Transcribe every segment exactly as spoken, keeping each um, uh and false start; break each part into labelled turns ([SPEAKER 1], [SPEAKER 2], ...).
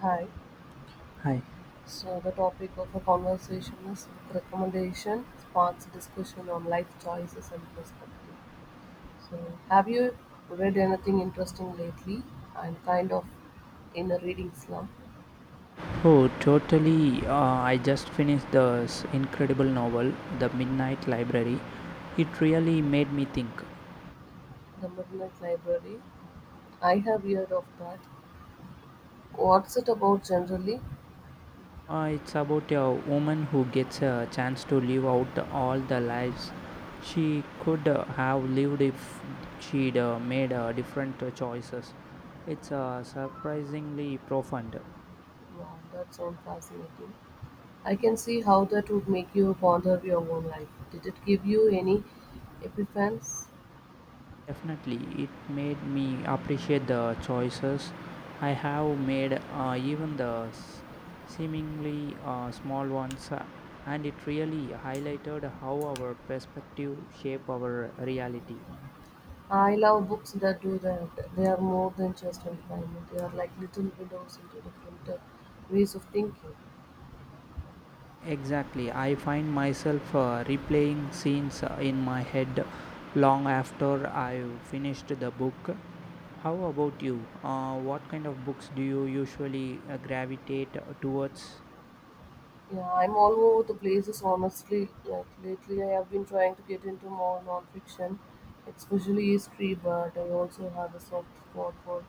[SPEAKER 1] Hi.
[SPEAKER 2] Hi.
[SPEAKER 1] So the topic of our conversation is book recommendation sparks discussion on life choices and perspective. So have you read anything interesting lately? I'm kind of in a reading slump.
[SPEAKER 2] Oh, totally. Uh, I just finished this incredible novel, The Midnight Library. It really made me think.
[SPEAKER 1] The Midnight Library. I have heard of that. What's it about generally?
[SPEAKER 2] Uh, it's about a woman who gets a chance to live out all the lives she could uh, have lived if she'd uh, made uh, different uh, choices. It's uh, surprisingly profound.
[SPEAKER 1] Wow, that sounds fascinating. I can see how that would make you ponder your own life. Did it give you any epiphanies?
[SPEAKER 2] Definitely, it made me appreciate the choices I have made, uh, even the s- seemingly uh, small ones, uh, and it really highlighted how our perspective shape our reality.
[SPEAKER 1] I love books that do that. They are more than just entertainment. They are like little windows into different uh, ways of thinking.
[SPEAKER 2] Exactly, I find myself uh, replaying scenes uh, in my head long after I've finished the book. How about you? Uh, what kind of books do you usually uh, gravitate towards?
[SPEAKER 1] Yeah, I'm all over the places, honestly. Like lately, I have been trying to get into more nonfiction, especially history, but I also have a soft spot for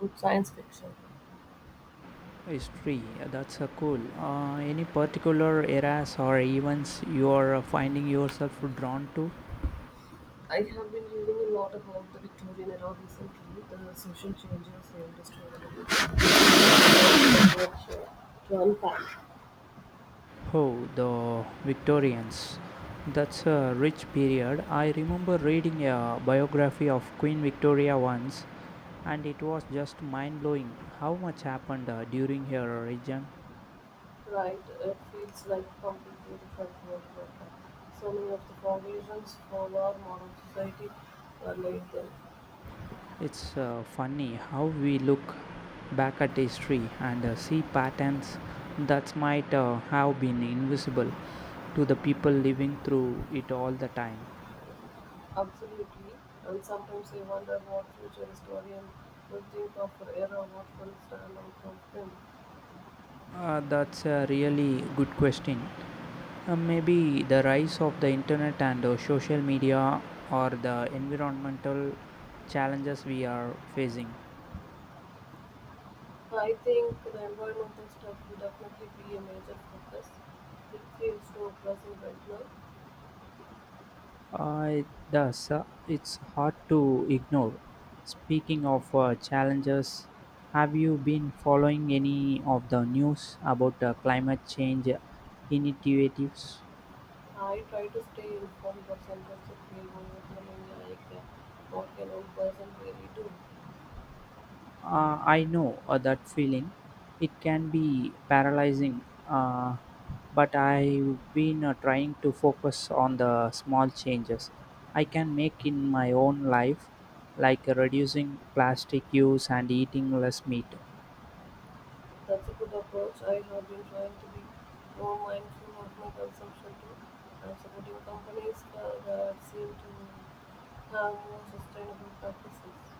[SPEAKER 1] good science fiction.
[SPEAKER 2] History, uh, that's uh, cool. Uh, any particular eras or events you are uh, finding yourself drawn to?
[SPEAKER 1] I have been reading a lot about the Victorian era recently, the social changes, the industrial revolution, and the adventure to unpack.
[SPEAKER 2] Oh, the Victorians. That's a rich period. I remember reading a biography of Queen Victoria once, and it was just mind blowing how much happened uh, during her reign.
[SPEAKER 1] Right, it feels like a completely different world right now. So many of the foundations for our modern society were laid then.
[SPEAKER 2] It's uh, funny how we look back at history and uh, see patterns that might uh, have been invisible to the people living through it all the time?
[SPEAKER 1] Absolutely. And sometimes I wonder what future historian will think of our era, what will stand out from them.
[SPEAKER 2] Uh, that's a really good question. Uh, maybe the rise of the internet and uh, social media or the environmental challenges we are facing.
[SPEAKER 1] So I think the environmental stuff will definitely be a major focus. It feels so pressing right now.
[SPEAKER 2] Uh, it does. Uh, it's hard to ignore. Speaking of uh, challenges, have you been following any of the news about uh, climate change initiatives?
[SPEAKER 1] I try to stay informed, but sometimes it feels overwhelming like uh, what can one person really do?
[SPEAKER 2] Uh, I know uh, that feeling. It can be paralyzing, uh, but I've been uh, trying to focus on the small changes I can make in my own life, like uh, reducing plastic use and eating less meat.
[SPEAKER 1] That's a good approach. I have been trying to be more mindful of my consumption too. I'm supporting companies uh, that seem to have more sustainable practices.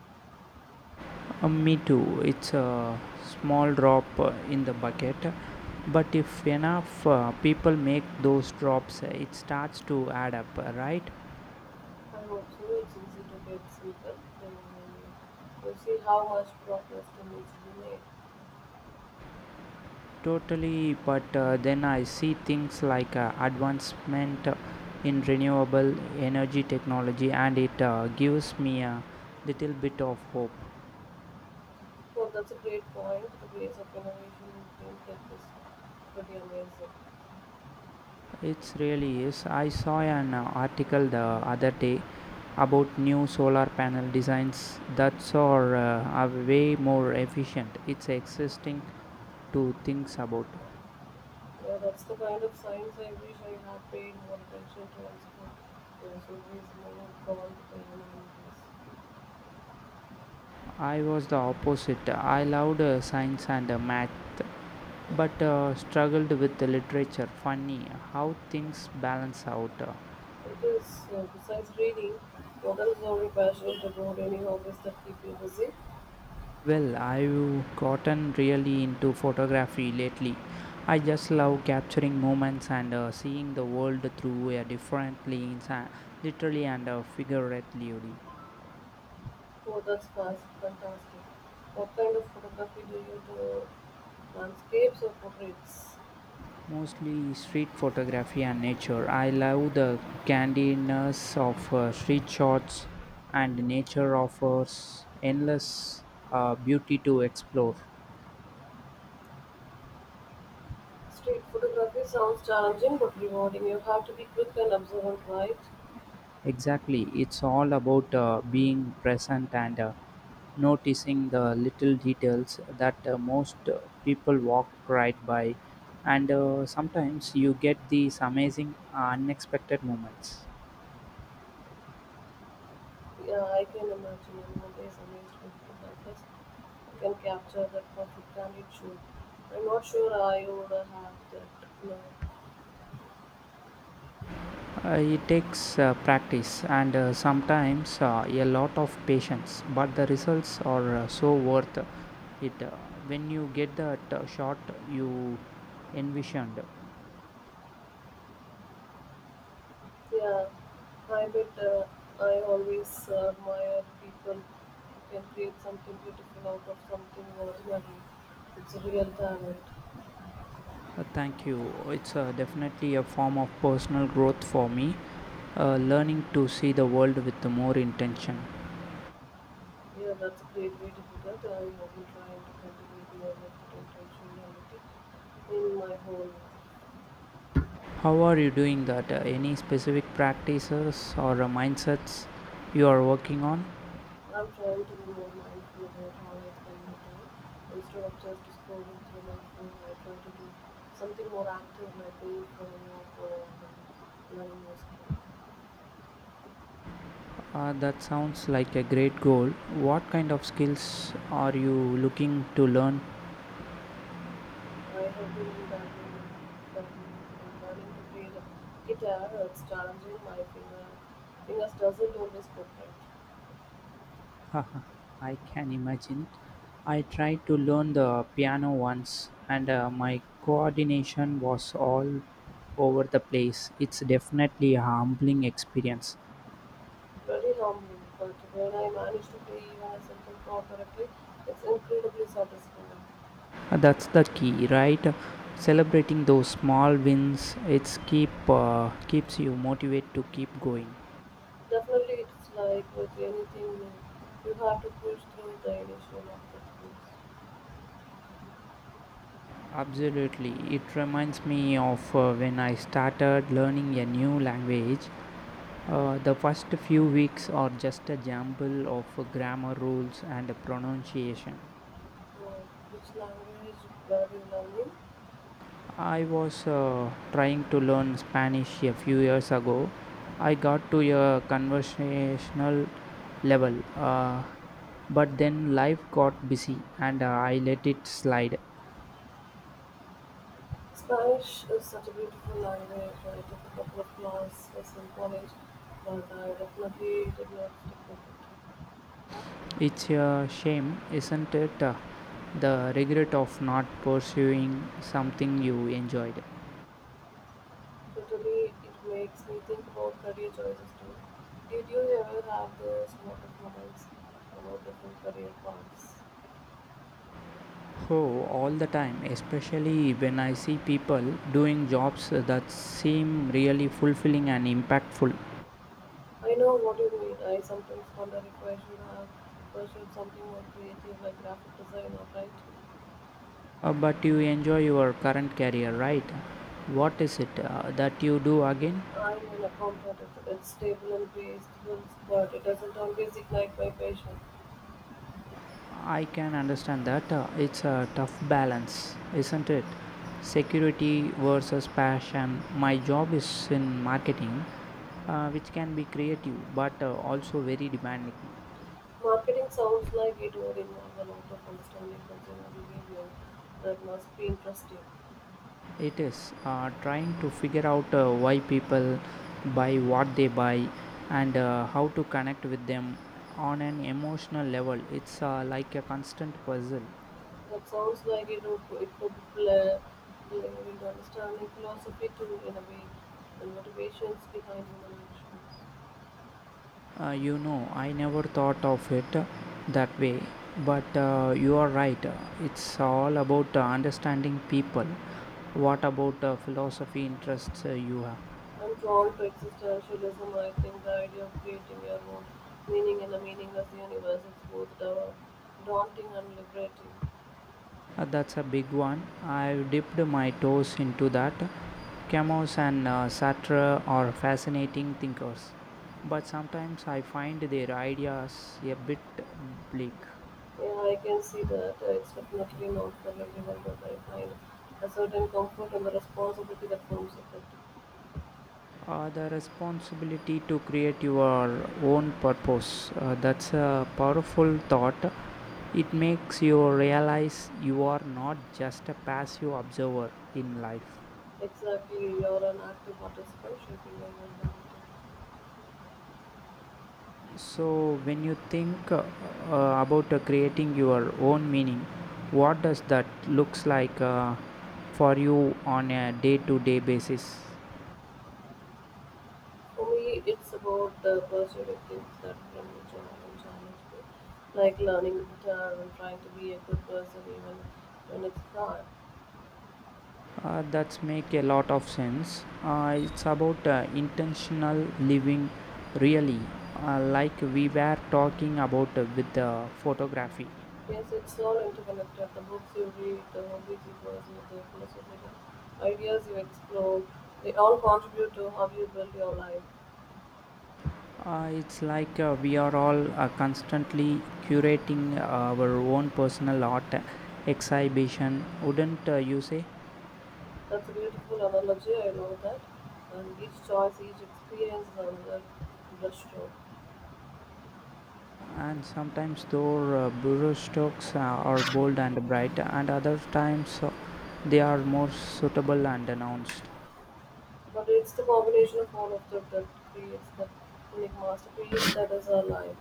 [SPEAKER 2] Uh, me too. It's a small drop uh, in the bucket, but if enough uh, people make those drops, uh, it starts to add up, uh, right?
[SPEAKER 1] I hope so. It's easy to get simple. Then you see how much progress can easily be made.
[SPEAKER 2] Totally, but uh, then I see things like uh, advancement in renewable energy technology, and it uh, gives me a little bit of hope.
[SPEAKER 1] Well, that's a great point. The pace of innovation in clean tech is pretty amazing.
[SPEAKER 2] It really is. I saw an uh, article the other day about new solar panel designs that are, uh, are way more efficient. It's existing to think about.
[SPEAKER 1] Yeah, that's the kind of science I wish I had paid more attention to as well. There's always more gone to the humanities.
[SPEAKER 2] I was the opposite. I loved uh, science and uh, math but uh, struggled with the literature. Funny how things balance out. Uh,
[SPEAKER 1] It is, uh, besides reading, models are a passion to go any hobbies that keep you busy.
[SPEAKER 2] Well, I've gotten really into photography lately. I just love capturing moments and uh, seeing the world through a different lens, uh, literally and uh, figuratively.
[SPEAKER 1] Oh, that's fast, fantastic. What kind of photography do you do? Landscapes or portraits?
[SPEAKER 2] Mostly street photography and nature. I love the candidness of uh, street shots, and nature offers endless uh, beauty to explore.
[SPEAKER 1] Street photography sounds challenging but rewarding. You have to be quick and observant, right?
[SPEAKER 2] Exactly. It's all about uh, being present and uh, noticing the little details that uh, most uh, people walk right by. And uh, sometimes you get these amazing, unexpected moments.
[SPEAKER 1] Yeah, I can imagine. I'm always amazed when photographers who can capture that perfect candid shoot. I'm not sure I would have that now.
[SPEAKER 2] Uh, it takes uh, practice and uh, sometimes uh, a lot of patience, but the results are uh, so worth it uh, when you get that uh, shot you envisioned.
[SPEAKER 1] Yeah, I bet uh, I always uh, admire people who can create something beautiful out of something ordinary. It's a real talent.
[SPEAKER 2] Uh, thank you. It's uh, definitely a form of personal growth for me, uh, learning to see the world with more intention.
[SPEAKER 1] Yeah, that's a great way to put it. I have been trying to cultivate more effort and intentionality in my whole life.
[SPEAKER 2] How are you doing that? Uh, any specific practices or uh, mindsets you are working on?
[SPEAKER 1] I'm trying to be more mindful about how I spend my time. Instead of just scrolling through my phone, I try to do something more active, like going for a walk or uh, learning new skills.
[SPEAKER 2] Uh, that sounds like a great goal. What kind of skills are you looking to learn?
[SPEAKER 1] I have been dabbling, dabbling in learning to play the guitar. It's challenging. My finger, fingers doesn't always cooperate.
[SPEAKER 2] Haha, I can imagine. I tried to learn the piano once and uh, my coordination was all over the place. It's definitely a humbling experience.
[SPEAKER 1] Very humbling, but when I manage to play even a simple chord correctly, it's incredibly satisfying.
[SPEAKER 2] Uh, That's the key, right? Celebrating those small wins, it's keep uh, keeps you motivated to keep going.
[SPEAKER 1] Definitely, it's like with anything new, you have to push through the initial obstacles.
[SPEAKER 2] Absolutely. It reminds me of uh, when I started learning a new language. Uh, the first few weeks are just a jumble of grammar rules and pronunciation.
[SPEAKER 1] So, which language were you learning?
[SPEAKER 2] I was uh, trying to learn Spanish a few years ago. I got to a conversational level, uh, but then life got busy and uh, I let it slide.
[SPEAKER 1] Spanish is such a beautiful language. I took a couple of classes in college, but I definitely did not stick with it.
[SPEAKER 2] It's a shame, isn't it? Uh, the regret of not pursuing something you enjoyed.
[SPEAKER 1] So today it makes me think about career choices too. Did you ever have those sort of moments about different career paths?
[SPEAKER 2] Oh, all the time, especially when I see people doing jobs that seem really fulfilling and impactful.
[SPEAKER 1] I know what you mean. I sometimes wonder if I should have pursued something more creative like graphic design or writing.
[SPEAKER 2] Uh, but you enjoy your current career, right? What is it uh, that you do again?
[SPEAKER 1] I'm an accountant. It's it's stable and pays bills, but it doesn't always ignite my passion.
[SPEAKER 2] I can understand that. Uh, it's a tough balance, isn't it? Security versus passion. My job is in marketing, uh, which can be creative but uh, also very demanding.
[SPEAKER 1] Marketing sounds like it would involve a lot of understanding consumer behavior. That must be interesting.
[SPEAKER 2] It is uh, trying to figure out uh, why people buy what they buy and uh, how to connect with them on an emotional level. It's uh, like a constant puzzle.
[SPEAKER 1] That sounds like it would it could blend into understanding philosophy too in a way, and motivations behind human actions.
[SPEAKER 2] Uh, you know, I never thought of it uh, that way, but uh, you are right. Uh, It's all about uh, understanding people. What about uh, philosophy interests uh, you have?
[SPEAKER 1] I'm drawn to existentialism. I think the idea of creating your own meaning in a meaningless universe is both da- daunting and liberating.
[SPEAKER 2] Uh, that's a big one. I've dipped my toes into that. Camus and uh, Sartre are fascinating thinkers, but sometimes I find their ideas a bit bleak.
[SPEAKER 1] Yeah, I can see that. Uh, It's definitely not for everyone, but I find a certain comfort in the responsibility that comes with it.
[SPEAKER 2] Uh, the responsibility to create your own purpose uh, that's a powerful thought. It makes you realize you are not just a passive observer in life.
[SPEAKER 1] Exactly, you're an active participant shaping your environment.
[SPEAKER 2] So, when you think uh, uh, about uh, creating your own meaning, what does that looks like uh, for you on a day-to-day basis?
[SPEAKER 1] For me, it's about the pursuit of things that bring me joy and challenge me, like learning guitar and trying to be a good person even when it's hard.
[SPEAKER 2] Uh, that's make a lot of sense. Uh, it's about uh, intentional living, really, uh, like we were talking about uh, with the photography.
[SPEAKER 1] Yes, it's all interconnected. The books you read, the hobbies you pursue, the philosophical ideas you explore, they all contribute to how you build your life.
[SPEAKER 2] Uh, it's like uh, we are all uh, constantly curating our own personal art exhibition, wouldn't uh, you say?
[SPEAKER 1] That's a beautiful analogy, I know that. And each choice, each experience is another brushstroke.
[SPEAKER 2] And sometimes their uh, burrow stalks uh, are bold and bright and other times uh, they are more suitable and announced
[SPEAKER 1] But it's the combination of all of them that creates the unique masterpiece that is our life.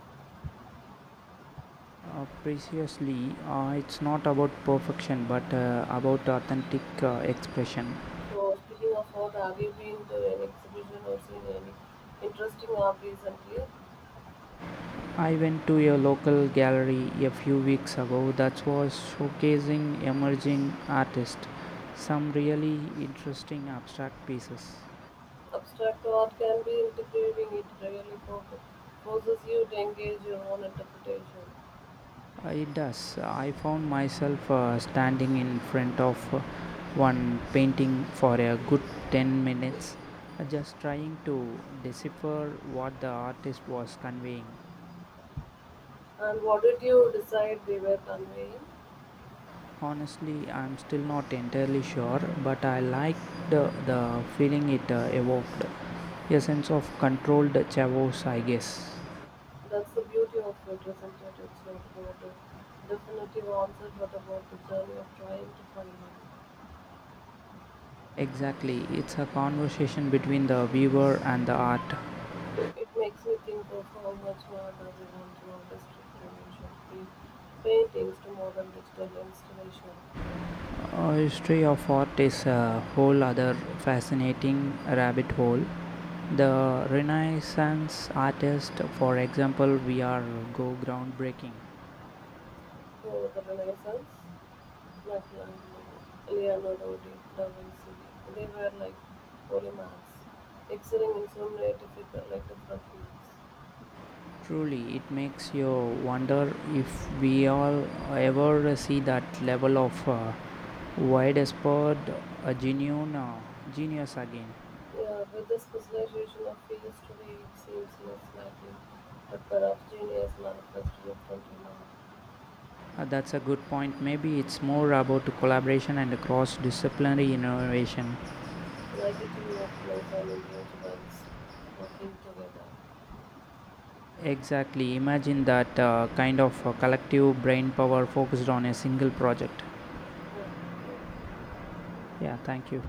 [SPEAKER 2] uh, preciously, uh, it's not about perfection but uh, about authentic uh, expression.
[SPEAKER 1] So, speaking of art, have you been to any exhibition or seen any interesting art recently?
[SPEAKER 2] I went to a local gallery a few weeks ago that was showcasing emerging artists, some really interesting abstract pieces.
[SPEAKER 1] Abstract art can be integrating, it really fo- forces you to engage your own interpretation.
[SPEAKER 2] Uh, It does. I found myself uh, standing in front of uh, one painting for a good ten minutes, uh, just trying to decipher what the artist was conveying.
[SPEAKER 1] And what did you decide they were conveying?
[SPEAKER 2] Honestly, I'm still not entirely sure, but I liked uh, the feeling it uh, evoked, a sense of controlled chaos, I guess.
[SPEAKER 1] That's the beauty of it, isn't it? It's not about a definitive answer, but about the journey of trying to find one.
[SPEAKER 2] Exactly, it's a conversation between the viewer and the art.
[SPEAKER 1] It makes me think of how much more does we want to artistic dimension, be paintings to modern digital installation,
[SPEAKER 2] Uh, history of art is a whole other fascinating rabbit hole. The Renaissance artist, for example, we are go groundbreaking.
[SPEAKER 1] to the Renaissance, Michelangelo, Leonardo da Vinci. They were like polymers, excelling in so many difficult, like different fields.
[SPEAKER 2] Truly, it makes you wonder if we all ever see that level of uh, widespread uh, genuine uh, genius again.
[SPEAKER 1] Yeah, with the specialization of fields today, it seems less likely, but perhaps Genie has manifested it until now,
[SPEAKER 2] Uh, that's a good point. Maybe it's more about collaboration and cross disciplinary innovation.
[SPEAKER 1] like a team of players and individuals working together.
[SPEAKER 2] Exactly. Imagine that uh, kind of uh, collective brain power focused on a single project.
[SPEAKER 1] Yeah, thank you.
[SPEAKER 2] Yeah, thank you.